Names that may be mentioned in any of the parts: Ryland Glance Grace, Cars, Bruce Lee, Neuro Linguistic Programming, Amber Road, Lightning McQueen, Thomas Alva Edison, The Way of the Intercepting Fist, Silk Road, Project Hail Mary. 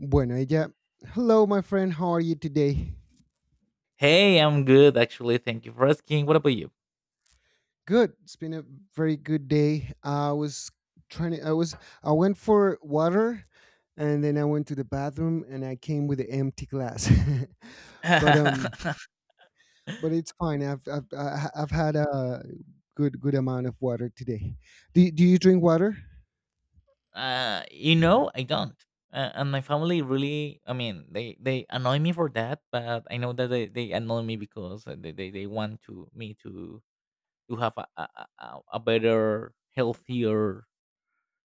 Bueno, ella, hello, my friend. How are you today? Hey, I'm good actually. Thank you for asking. What about you? Good. It's been a very good day. I was trying to, I was, I went for water and then I went to the bathroom and I came with an empty glass. but, um, uh, but it's fine. I've had a good amount of water today. Do you drink water? you know, I don't. And my family really, I mean, they annoy me for that, but I know that they, annoy me because they, they want to me to have a better, healthier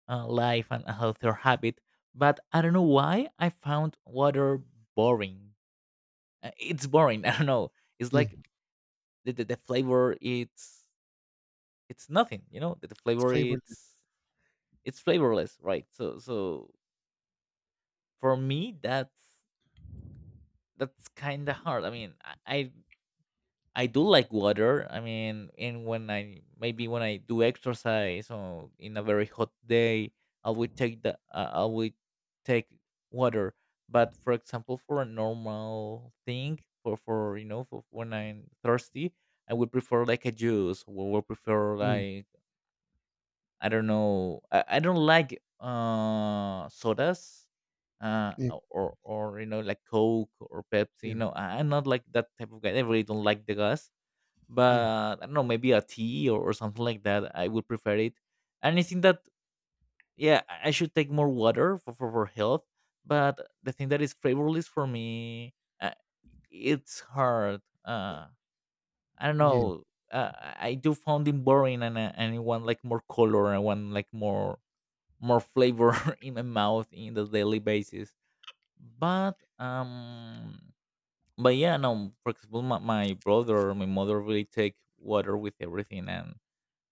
life and a healthier habit. But I don't know why I found water boring. It's boring. I don't know. It's Yeah. like the flavor. It's nothing. You know, the It's flavor. Flavorless. It's flavorless, right? So for me that's kinda hard. I mean, I I do like water. I mean, and when I, maybe when I do exercise or in a very hot day, I would take the I would take water. But, for example, for a normal thing, for, you know, for when I'm thirsty, I would prefer like a juice, or would prefer Yeah. like, I don't know. I don't like sodas, uh, Yeah. or, you know, like Coke or Yeah. Pepsi. No, I'm not like that type of guy. I really don't like the gas. Yeah. But I don't know, maybe a tea or something like that. I would prefer it. And I think that, yeah, I should take more water for health. But the thing that is flavorless for me, uh, it's hard. I don't Yeah. know. I do found it boring, and and I want like more color. I want like more more flavor in my mouth in the daily basis. But um, but yeah, no. For example, my brother, my mother, really take water with everything, and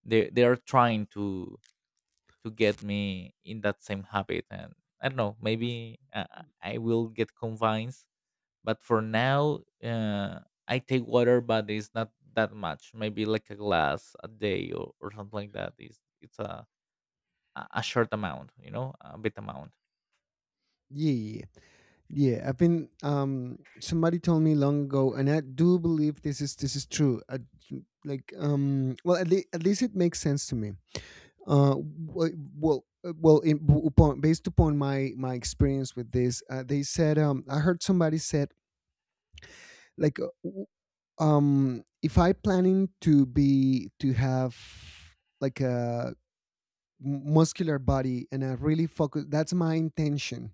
they are trying to get me in that same habit. And I don't know, maybe I will get convinced. But for now, I take water, but it's not that much. Maybe like a glass a day, or something like that. It's a short amount, you know, a bit amount. Yeah. Yeah, I've been. Somebody told me long ago, and I do believe this is true. I, like, well, at, le- At least it makes sense to me. Wh- well, well, in, upon Based upon my experience with this, they said. I heard somebody said like, uh, w- if I planning to have like a muscular body and I really focus, that's my intention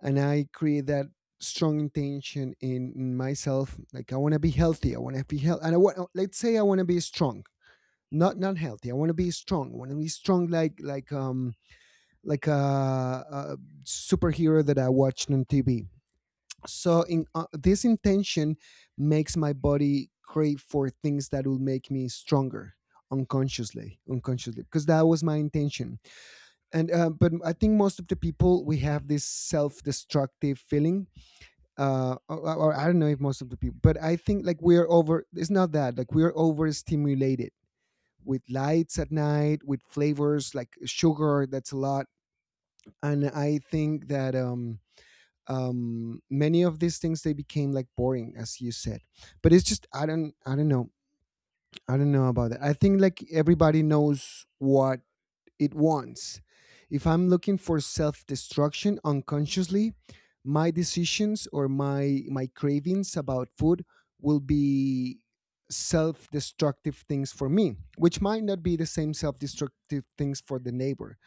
and I create that strong intention in myself. Like I want to be healthy. I want to be healthy, and I want. Let's say I want to be strong, not healthy. I want to be strong. I want to be strong, like like a superhero that I watched on TV. So in this intention makes my body crave for things that will make me stronger unconsciously because that was my intention and but I think most of the people we have this self-destructive feeling or I don't know if most of the people, but I think like we're over it's not that like we're overstimulated with lights at night, with flavors like sugar. That's a lot, and I think that many of these things they became like boring, as you said. But it's just I don't know. I don't know about that. I think like everybody knows what it wants. If I'm looking for self destruction unconsciously, my decisions or my cravings about food will be self destructive things for me, which might not be the same self destructive things for the neighbor.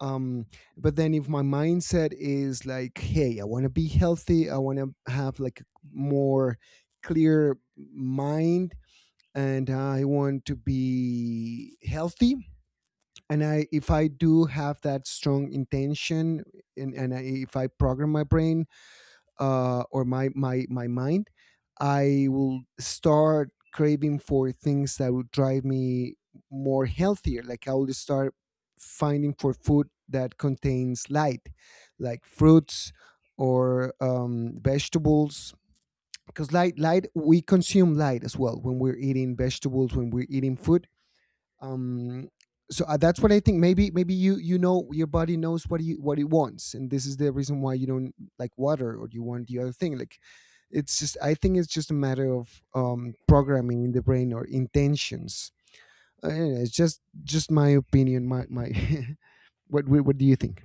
Um, but then if my mindset is like, hey, I want to be healthy, I want to have like a more clear mind and I want to be healthy, and I if I do have that strong intention and if I program my brain or my mind, I will start craving for things that would drive me more healthier. Like I will start finding for food that contains light, like fruits or vegetables, because light we consume light as well when we're eating vegetables, when we're eating food. um that's what I think. Maybe maybe you, you know, your body knows what you, what it wants, and this is the reason why you don't like water or you want the other thing. Like it's just, I think it's just a matter of programming in the brain or intentions. Anyway, it's just my opinion, my what do you think?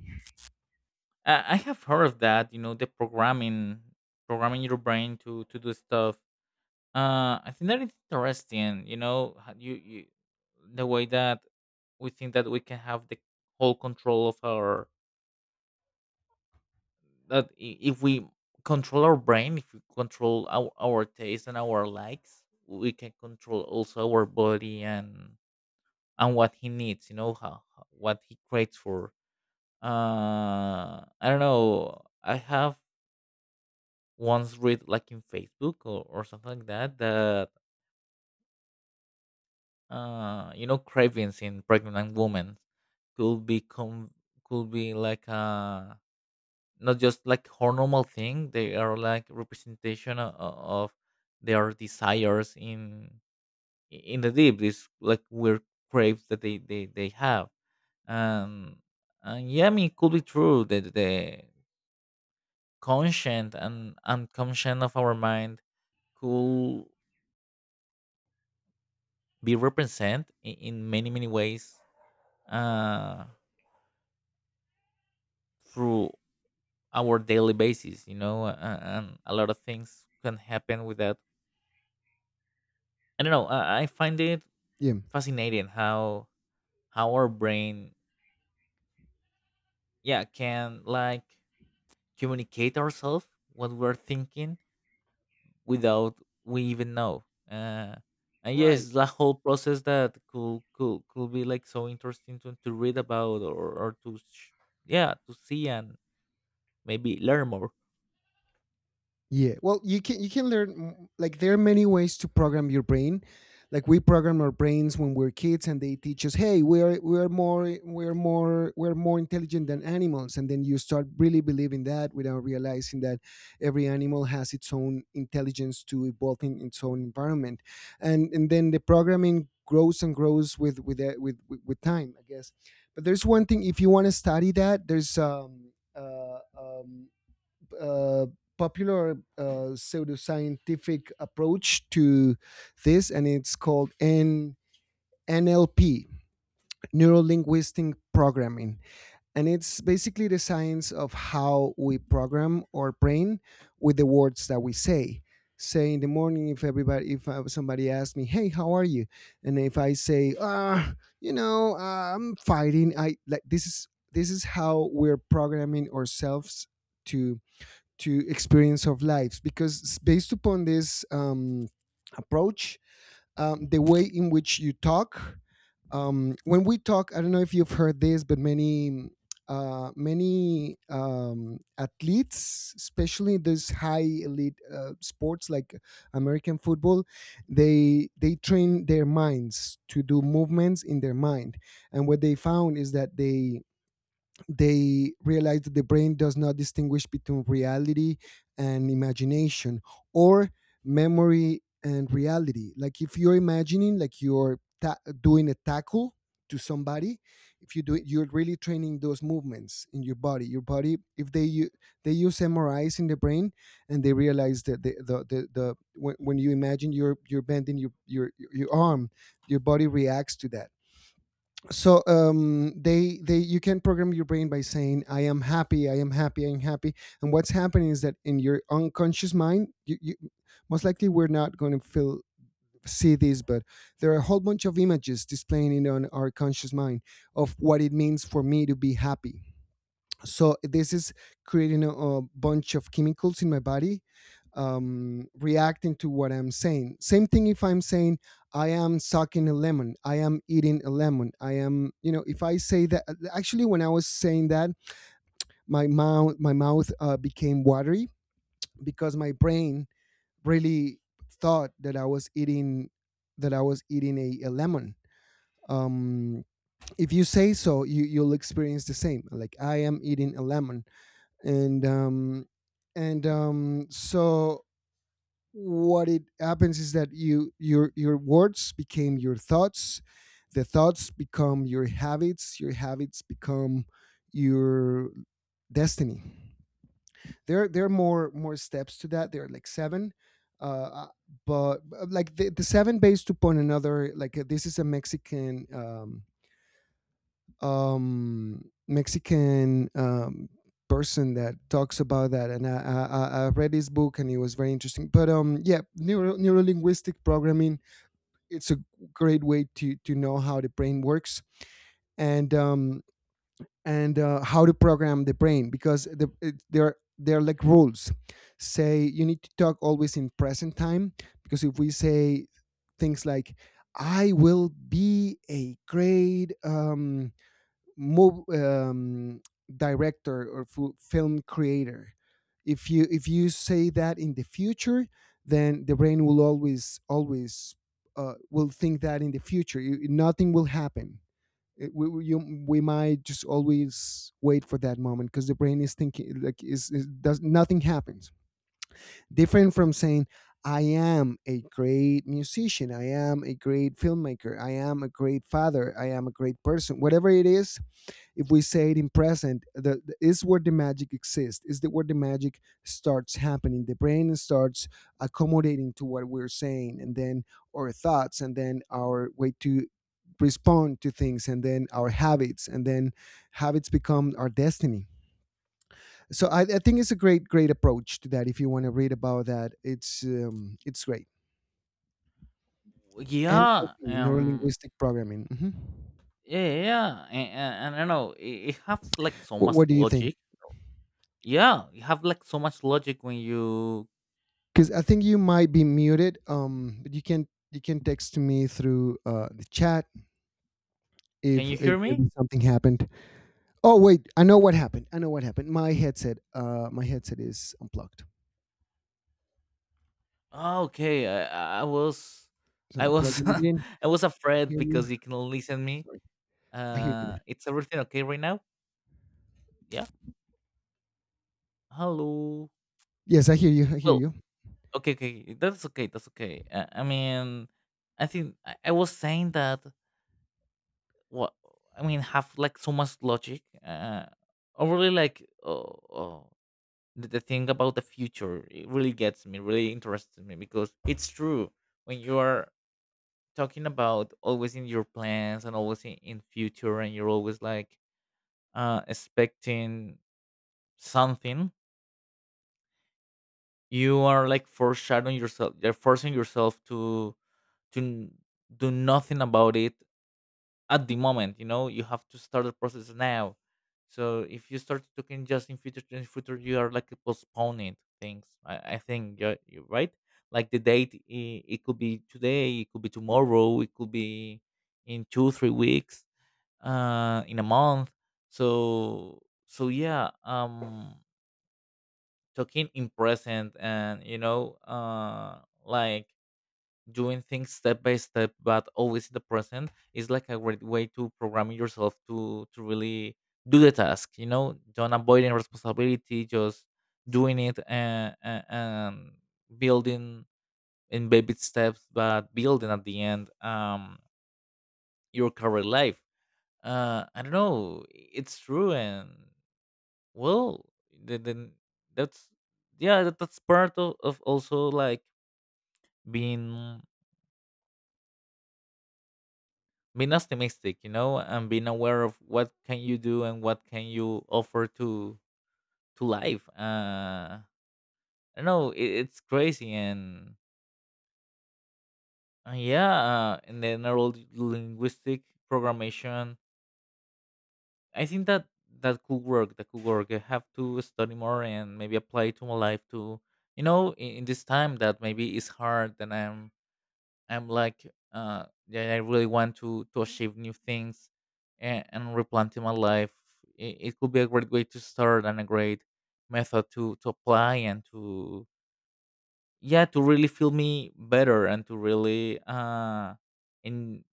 I have heard of that. You know, the programming, programming your brain to do stuff. I think that is interesting. You know, how you the way that we think that we can have the whole control of our that if we control our brain, if we control our taste and our likes, we can control also our body and what he needs. You know how what he craves for. I don't know. I have once read like in Facebook, or something like that, that you know cravings in pregnant women could become could be like not just like hormonal thing, they are like representation of their desires in the deep, these like weird craves that they have and and yeah, I mean, it could be true that the conscient and unconscient of our mind could be represented in many many ways uh, through our daily basis. You know, and a lot of things can happen with that. I don't know. I find it Yeah. fascinating how our brain, yeah, can like communicate ourselves what we're thinking without we even know. Uh, and Right. yes, the whole process that could be like so interesting to read about or to yeah, to see and maybe learn more. Yeah. Well, you can learn like there are many ways to program your brain. Like we program our brains when we're kids and they teach us, "Hey, we're more intelligent than animals." And then you start really believing that without realizing that every animal has its own intelligence to evolve in its own environment. And then the programming grows and grows with time, I guess. But there's one thing. If you want to study that, there's uh, popular pseudoscientific approach to this, and it's called NLP, Neuro Linguistic Programming. And it's basically the science of how we program our brain with the words that we say. Say in the morning, if somebody asks me, "Hey, how are you?" and if I say, "Ah, I'm fighting," I like this is how we're programming ourselves to to experience of lives, because based upon this approach, the way in which you talk, when we talk, I don't know if you've heard this, but many many athletes, especially these high elite sports like american football, they train their minds to do movements in their mind. And what they found is that they realize that the brain does not distinguish between reality and imagination, or memory and reality. Like if you're imagining like you're doing a tackle to somebody, if you do it, you're really training those movements in your body. Your body, if they they use mris in the brain, and they realize that the when you imagine you're bending your arm, your body reacts to that. So they, you can program your brain by saying I am happy, I am happy, I'm happy. And what's happening is that in your unconscious mind you most likely we're not going to feel see this, but there are a whole bunch of images displaying it on our conscious mind of what it means for me to be happy. So this is creating a bunch of chemicals in my body, reacting to what I'm saying. Same thing if I'm saying I am sucking a lemon, I am eating a lemon, I am, you know. If I say that, actually when I was saying that, my mouth became watery because my brain really thought that I was eating, that I was eating a lemon. um, if you say so, you'll experience the same. Like I am eating a lemon. And um and so What it happens is that your words became your thoughts, the thoughts become your habits, your habits become your destiny. There are more steps to that. There are like seven, uh but like the seven, based upon another, this is a mexican Mexican person that talks about that, and I read his book, and it was very interesting. But yeah, neurolinguistic programming. It's a great way to know how the brain works, and how to program the brain, because they're like rules. Say you need to talk always in present time, because if we say things like, I will be a great move director or film creator. If you, if you say that in the future, then the brain will always always will think that in the future you, nothing will happen. We might just always wait for that moment, because the brain is thinking like, is does nothing happens. Different from saying I am a great musician, I am a great filmmaker, I am a great father, I am a great person. Whatever it is, if we say it in present, the is where the magic exists. Is the where the magic starts happening? The brain starts accommodating to what we're saying, and then our thoughts, and then our way to respond to things, and then our habits, and then habits become our destiny. So I think it's a great approach to that. If you want to read about that, it's great. Yeah, NLP, neuro linguistic programming. Hmm. yeah, yeah, and I know it, it has like so much What do you think? logic. Yeah, you have like so much logic when you, Because I think you might be muted. But you can text me through the chat can if you hear me? maybe something happened. Oh wait, I know what happened. I know what happened. My headset is unplugged. Oh, okay, So I I'm was, plugging it in. I was I afraid hear you. because you can listen me. Sorry, I hear you now. It's everything okay right now? Yeah. Hello. Yes, I hear you. I hear Well, you. okay, okay, that's okay, that's okay. I mean, I think I was saying that. What I mean, have like so much logic. Or really like oh, the thing about the future. It really gets me, really interests me because it's true. When you are talking about always in your plans and always in future, and you're always like expecting something, you are like foreshadowing yourself. You're forcing yourself to do nothing about it at the moment. You know, you have to start the process now, so if you start talking just in future, in future, you are like postponing things. I think you're right. Like the date, it could be today, it could be tomorrow, it could be in 2 3 weeks, in a month. So yeah, talking in present, and you know, like doing things step by step, but always in the present is like a great way to program yourself to really do the task. You know, don't avoiding responsibility, just doing it, and building in baby steps, but building at the end, your career life. I don't know, it's true. And well, then that's yeah, that's part of also like being being optimistic, you know, and being aware of what can you do and what can you offer to life. I don't know, it's crazy. And yeah, and then neuro linguistic programmation, I think that that could work. I have to study more and maybe apply to my life, to you know, in this time that maybe is hard, and I'm like that I really want to achieve new things, and replanting my life. It could be a great way to start, and a great method to apply and to yeah, to really feel me better and to really in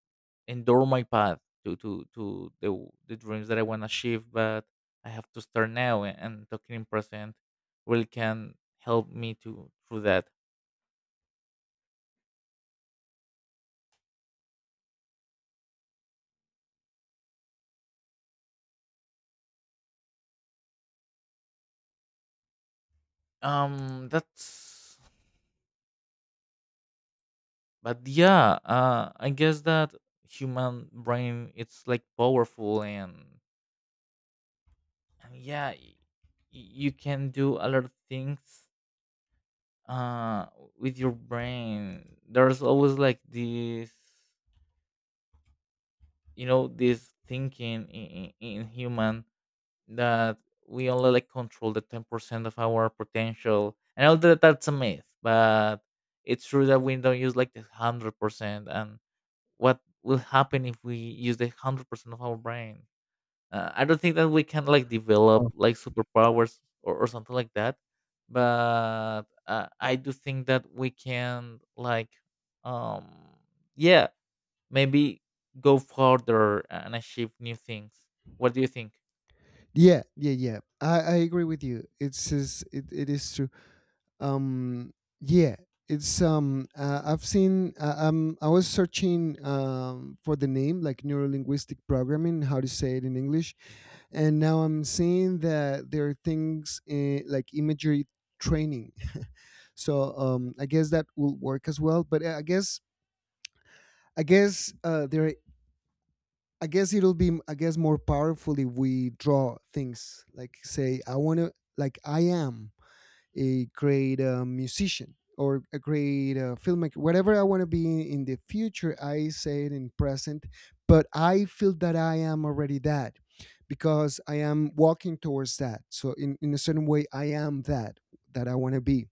endure my path to the the dreams that I want to achieve. But I have to start now, and talking in present really can help me to through that. That's, but yeah, I guess that human brain it's like powerful, and yeah, you can do a lot of things uh with your brain. There's always like this, you know, this thinking in human that we only like control the 10% of our potential. I know that that's a myth, but it's true that we don't use like the 100%. And what will happen if we use the 100% of our brain? I don't think that we can like Oh. develop like superpowers, or something like that, but I do think that we can like, um, yeah, maybe go further and achieve new things. What do you think? Yeah, yeah, yeah. I agree with you. It is true. Um yeah it's I've seen I was searching for the name, like, neurolinguistic programming, how to say it in english. And now I'm seeing that there are things like imagery training. So I guess that will work as well, but eh, I guess there I guess it'll be, I guess, more powerful if we draw things. Like say I want to, like I am a great musician or a great filmmaker, whatever I want to be in the future, I say it in present, but I feel that I am already that, because I am walking towards that. So in a certain way, I am that that I want to be,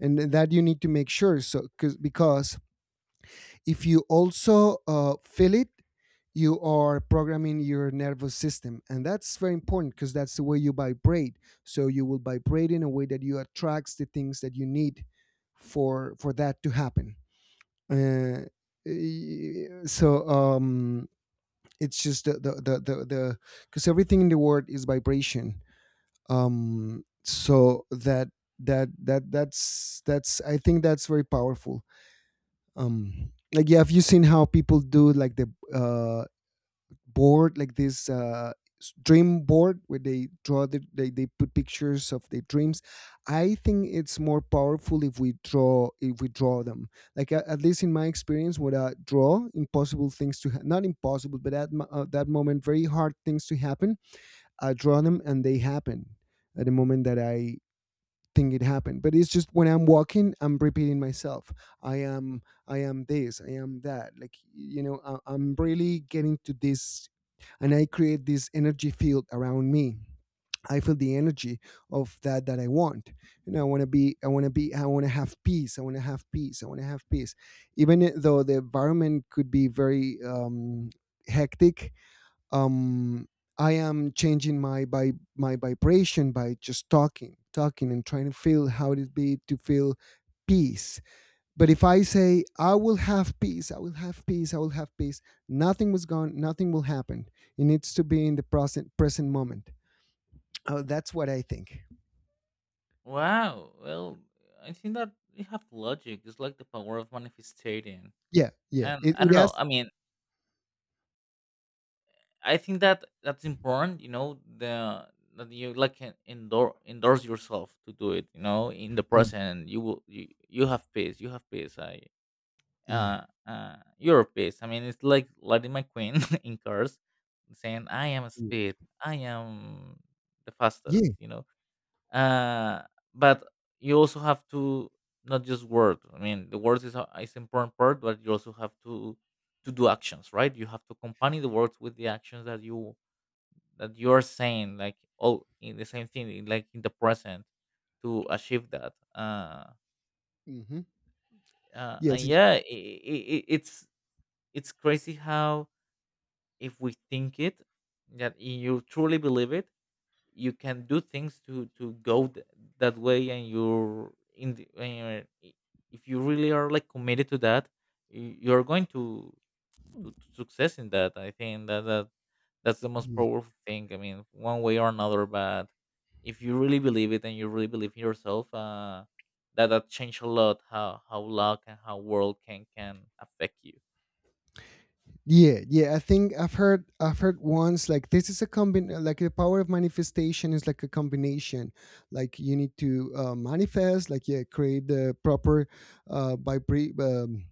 and that you need to make sure. So because if you also feel it, you are programming your nervous system. And that's very important because that's the way you vibrate. So you will vibrate in a way that you attracts the things that you need for that to happen. Uh, so it's just the because everything in the world is vibration. So that that that that's I think that's very powerful. Like, yeah, have you seen how people do like the uh board like this dream board where they put pictures of their dreams? I think it's more powerful if we draw them, like at least in my experience. What I draw, impossible things to not impossible, but at that moment very hard things to happen, I draw them and they happen. At the moment that I thing it happened. But it's just when I'm walking, I'm repeating myself. I am, I am this, I am that, I'm really getting to this. And I create this energy field around me, I feel the energy of that I want. You know, I want to be, I want to be, I want to have peace, I want to have peace, I want to have peace, even though the environment could be very hectic. um I am changing my by my vibration by just talking, talking, and trying to feel how it be to feel peace. But if I say I will have peace, I will have peace, I will have peace, nothing was gone, nothing will happen. It needs to be in the present, present moment. Oh, that's what I think. Wow. Well, I think that you have logic. It's like the power of manifesting. Yeah, yeah, And it, I it don't know. has. I mean, I think that that's important. You know, the that you like can endorse endorse yourself to do it. You know, in the Yeah, present, you will you have peace. You have peace. I yeah, you're peace. I mean, it's like Lightning McQueen in Cars saying, "I am yeah, speed. I am the fastest." yeah. You know, uh, but you also have to not just word. I mean, the words is a, is important part, but you also have to do actions, right? You have to accompany the words with the actions that you are saying, like all in the same thing, like in the present, to achieve that. Hmm. Yes, And yeah, I it's crazy how if we think it, that you truly believe it, you can do things to go that way, and you're in the, when you're, if you really are like committed to that, you're going to to success in that. I think that that's the most yeah. powerful thing. I mean, one way or another, but if you really believe it and you really believe in yourself, that that change a lot how luck and how world can affect you. Yeah, yeah. I think I've heard once, like this is a combin like the power of manifestation is like a combination. Like you need to manifest, like, yeah, create the proper uh, vibra- um,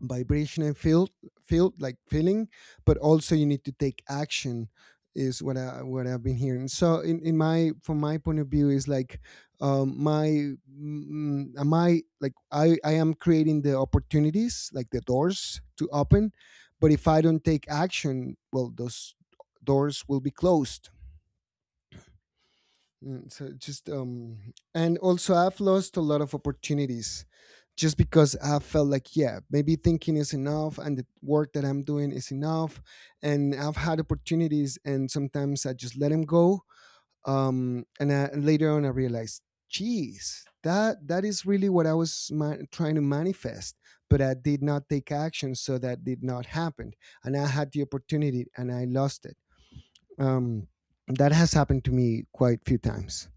vibration and feel, like feeling. But also you need to take action is what I what I've been hearing. So in my from my point of view is like, my mm, am I like I am creating the opportunities, like the doors to open. But if I don't take action, well, those doors will be closed. Mm, So just And also I've lost a lot of opportunities, just because I felt like, yeah, maybe thinking is enough and the work that I'm doing is enough. And I've had opportunities and sometimes I just let them go. And and later on I realized, geez, that is really what I was trying to manifest, but I did not take action, so that did not happen. And I had the opportunity and I lost it. um that has happened to me quite a few times.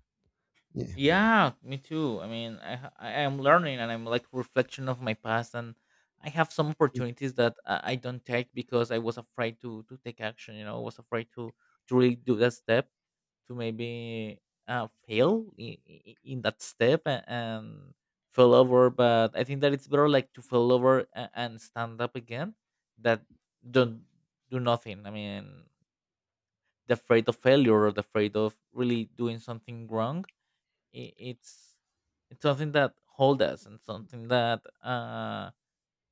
Yeah. Yeah, me too. I mean, I am learning, and I'm like reflection of my past, and I have some Mm. opportunities that I don't take because I was afraid to take action. You know, I was afraid to really do that step, to maybe fail in that step, and fall over. But I think that it's better like to fall over and stand up again, that don't do nothing. I mean, the afraid of failure or the afraid of really doing something wrong i- it's it's something that hold us and something that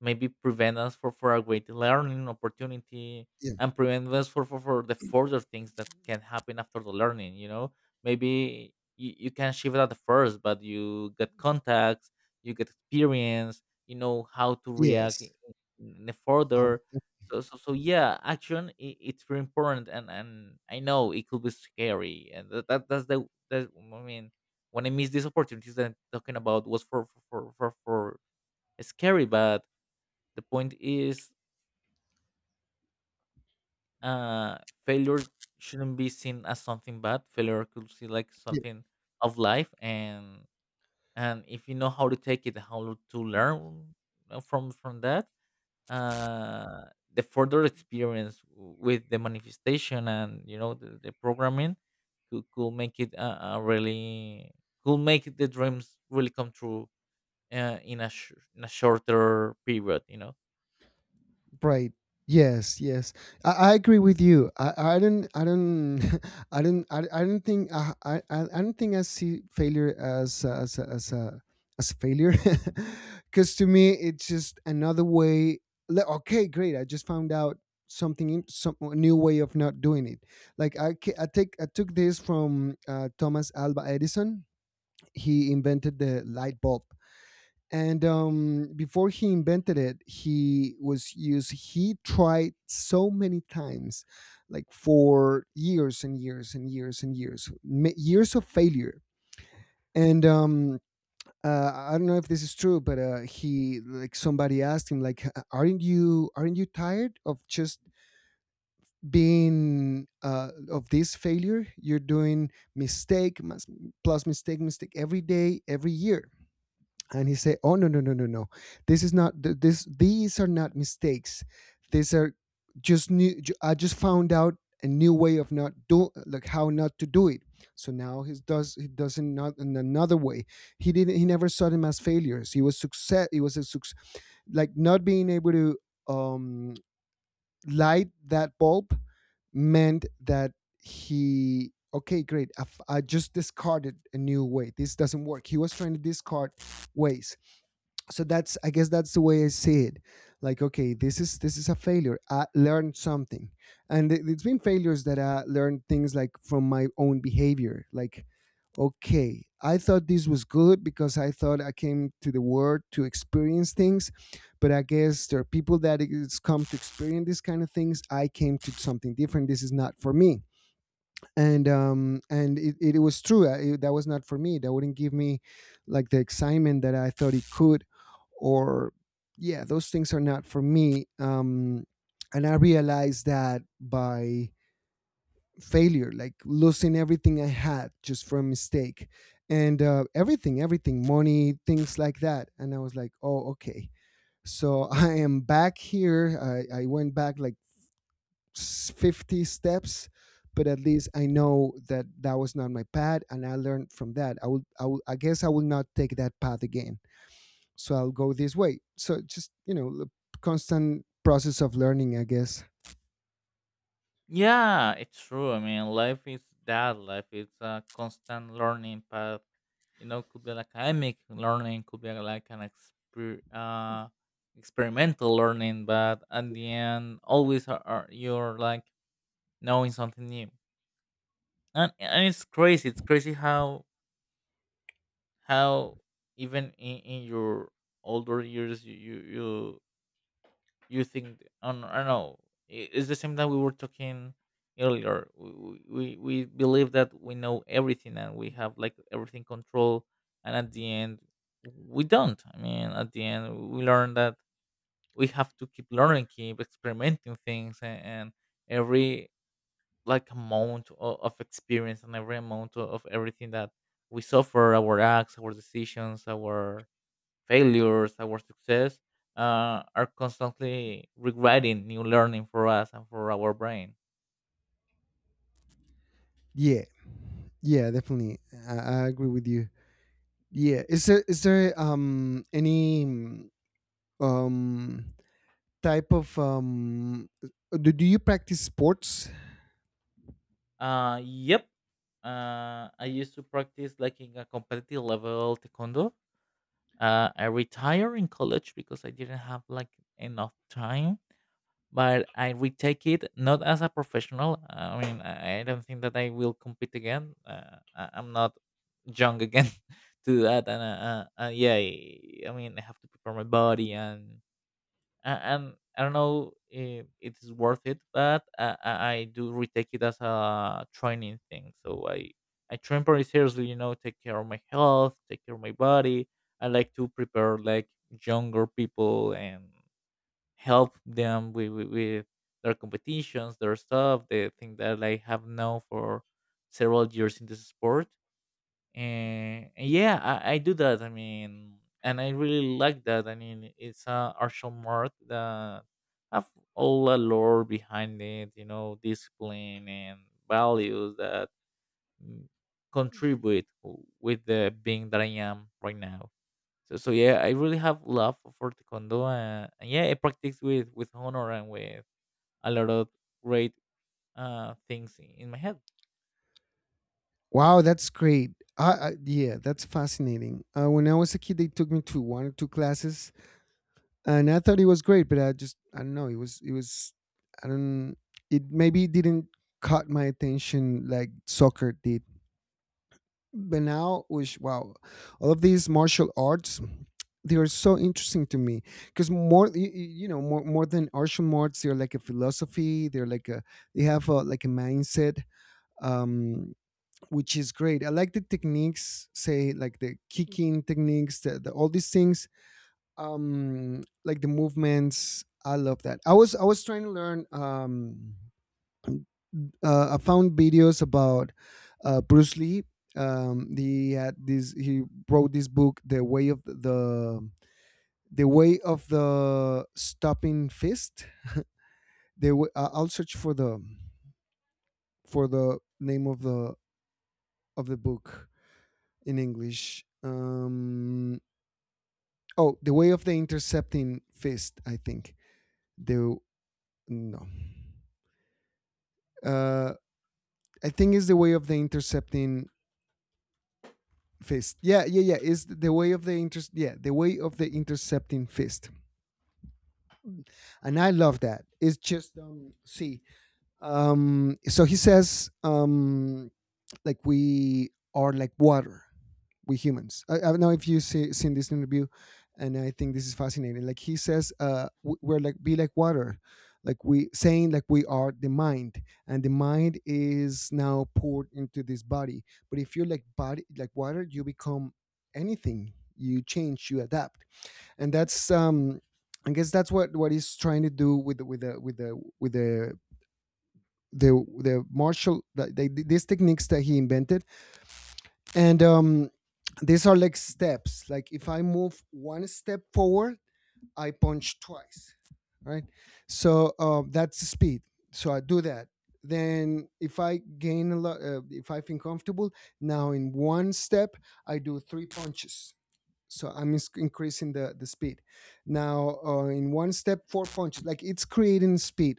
maybe prevent us for a great learning opportunity, Yeah. and prevent us for the further things that can happen after the learning. Maybe you can shift at the first, but you get contacts, you get experience, you know how to react Yes. In the Oh, further. yeah. So yeah, action I it's very important, and I know it could be scary, and that that's the that i mean when I miss these opportunities that I'm talking about was for scary, but the point is, uh, failure shouldn't be seen as something bad. Failure could see like Yeah. something of life, and if you know how to take it, how to learn from that, uh, the further experience with the manifestation, and you know the programming could make it really could make the dreams really come true, in a in a shorter period. You know. Right. Yes. Yes. I agree with you. I don't. I don't. I don't. I don't think. I don't think I see failure as failure, because to me it's just another way. Okay, great. I just found out some a new way of not doing it. Like I. ca- I take. I took this from Thomas Alva Edison. He invented the light bulb, and before he invented it, he was used he tried so many times, like for years and years and years and years, years of failure. And I don't know if this is true, but he, like, somebody asked him, like, Aren't you tired of just being of this failure you're doing, mistake plus mistake, every day, every year?" And he said, "Oh, no, no, no, no, no, this is not th- this these are not mistakes. These are just new. I just found out a new way of not do like how not to do it." So now he does it, not in another way. He never saw them as failures. He was a success. Like, not being able to um light that bulb meant that, he, okay, great, I just discarded a new way, this doesn't work. He was trying to discard ways. So that's I guess that's the way I see it. Like, okay, this is a failure, I learned something. And it's been failures that I learned things, like from my own behavior, like, okay, I thought this was good because I thought I came to the world to experience things. But I guess there are people that it's come to experience these kind of things. I came to something different, this is not for me. And and it was true. That was not for me, that wouldn't give me like the excitement that I thought it could. Or, yeah, those things are not for me. And I realized that by failure, like losing everything I had just from mistake, and everything, money, things like that, and I was like, oh, okay. So I am back here. I went back like 50 steps, but at least I know that that was not my path, and I learned from that. I guess I will not take that path again, so I'll go this way. So just, the constant process of learning, I guess. Yeah, it's true. I mean, life is that. Life is a constant learning path. You know, could be like academic learning, could be like an experimental learning, but at the end, always are you're like knowing something new, and it's crazy. It's crazy how how even in your older years, you think on, I don't know, it's the same that we were talking earlier. We believe that we know everything and we have like everything control, and at the end we don't. I mean, at the end we learn that we have to keep learning, keep experimenting things. And and, every like amount of experience, and every amount of everything that we suffer, our acts, our decisions, our failures, our success, are constantly regretting new learning for us and for our brain. Yeah, yeah, definitely. I agree with you. Yeah, is there any um type of, do you practice sports? Yep. I used to practice like in a competitive level taekwondo. I retired in college because I didn't have like enough time, but I retake it not as a professional. I mean, I don't think that I will compete again. I'm not young again to do that, and yeah, I mean, I have to prepare my body and I'm I don't know if it is worth it, but I do retake it as a training thing. So I train pretty seriously, you know, take care of my health, take care of my body. I like to prepare like younger people and help them with their competitions, their stuff, the thing that I have known for several years in this sport, and yeah, I do that. I mean, and I really like that. I mean, it's a martial art that have all the lore behind it, you know, discipline and values that mm, contribute with the being that I am right now. So yeah, I really have love for taekwondo. And yeah, I practice with honor and with a lot of great things in my head. Wow, that's great. Yeah, that's fascinating. When I was a kid, they took me to one or two classes, and I thought it was great. But I just, I don't know. I don't. It maybe didn't caught my attention like soccer did. But now, which, wow, all of these martial arts, they are so interesting to me, because more, y- y- you know, more more than martial arts, they're like a philosophy. They're like a, they have a, like a mindset. Um, which is great. I like the techniques, say like the kicking techniques, the all these things, like the movements. I love that. I was trying to learn. I found videos about, Bruce Lee. He had this. He wrote this book, The Way of the Stopping Fist. I'll search for the name of the book in English. Oh, the way of the intercepting fist. I think the No. Uh, I think it's the way of the intercepting fist. Yeah, yeah, yeah. It's the way of the inter. Yeah, the way of the intercepting fist. And I love that. It's just, see. So he says, like we are like water, we humans. I don't know if you seen this interview, and I think this is fascinating. Like he says, we're like be like water, like we saying, like we are the mind, and the mind is now poured into this body. But if you're like body, like water, you become anything. You change, you adapt, and that's, I guess that's what he's trying to do with these techniques that he invented. And these are like steps, like if I move one step forward, I punch twice, right? So that's the speed. So I do that. Then if I gain a lot, if I feel comfortable, now in one step, I do three punches. So I'm increasing the speed. Now, in one step, four punches, like it's creating speed.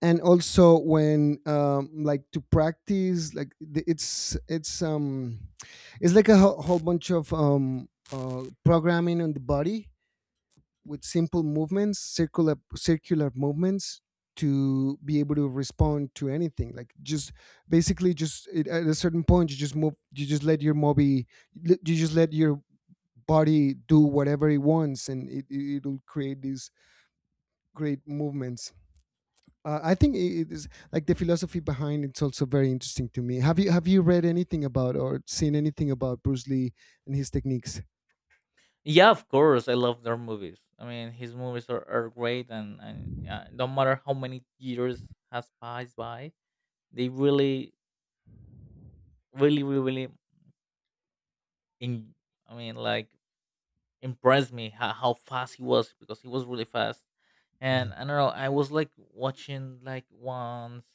And also when, like to practice, it's, it's like a whole, whole bunch of programming on the body with simple movements, circular, circular movements, to be able to respond to anything, like just basically at a certain point you just move, you just let your body do whatever it wants, and it'll create these great movements. I think it is like the philosophy behind, it's also very interesting to me. Have you read anything about or seen anything about Bruce Lee and his techniques? Yeah, of course, I love their movies. I mean, his movies are great, and no matter how many years has passed by, they really, really, really, really, in, I mean, like impressed me how fast he was, because he was really fast, Yeah. and I don't know, I was like watching like once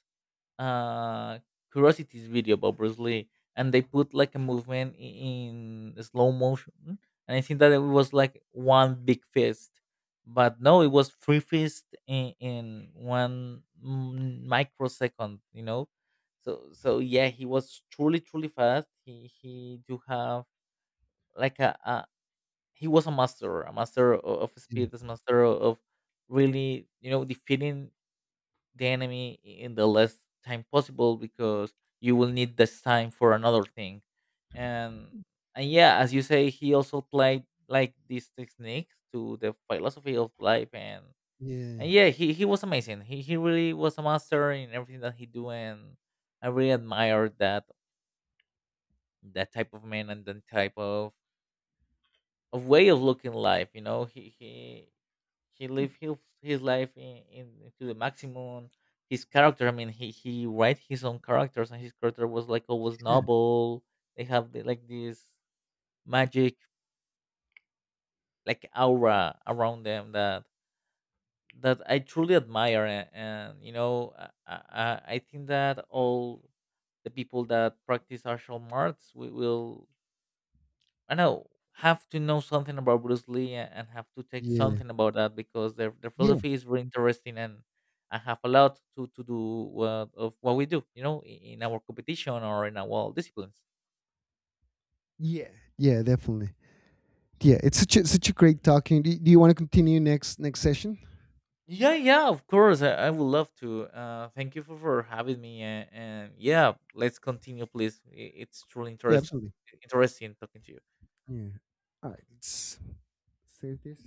uh curiosity's video about Bruce Lee, and they put like a movement in slow motion, and I think that it was like one big fist, but no, it was three fists in one microsecond, you know. So yeah, he was truly, truly fast. He do have like a he was a master, a master of Yeah. speed, a master of really, you know, defeating the enemy in the less time possible, because you will need this time for another thing. And and yeah, as you say, he also played like these techniques to the philosophy of life. and Yeah. and yeah, he was amazing. He really was a master in everything that he do, and I really admired that, that type of man and that type of way of looking life. You know, he lived his life in to the maximum. His character, I mean, he write his own characters, and his character was like always noble. They have like this magic like aura around them that I truly admire. And and, you know, I think that all the people that practice martial arts we will, I know, have to know something about Bruce Lee, and have to take Yeah. Yeah. something about that, because their Yeah. philosophy is very interesting, and have a lot to do what, of what we do, you know, in our competition or in our disciplines. Yeah. Yeah, definitely. Yeah, it's such a great talking. Do you want to continue next session? Yeah, yeah, of course, I would love to. Thank you for having me, and yeah, let's continue, please. It's truly Yeah, absolutely. interesting talking to you. Yeah. All right. Let's save this.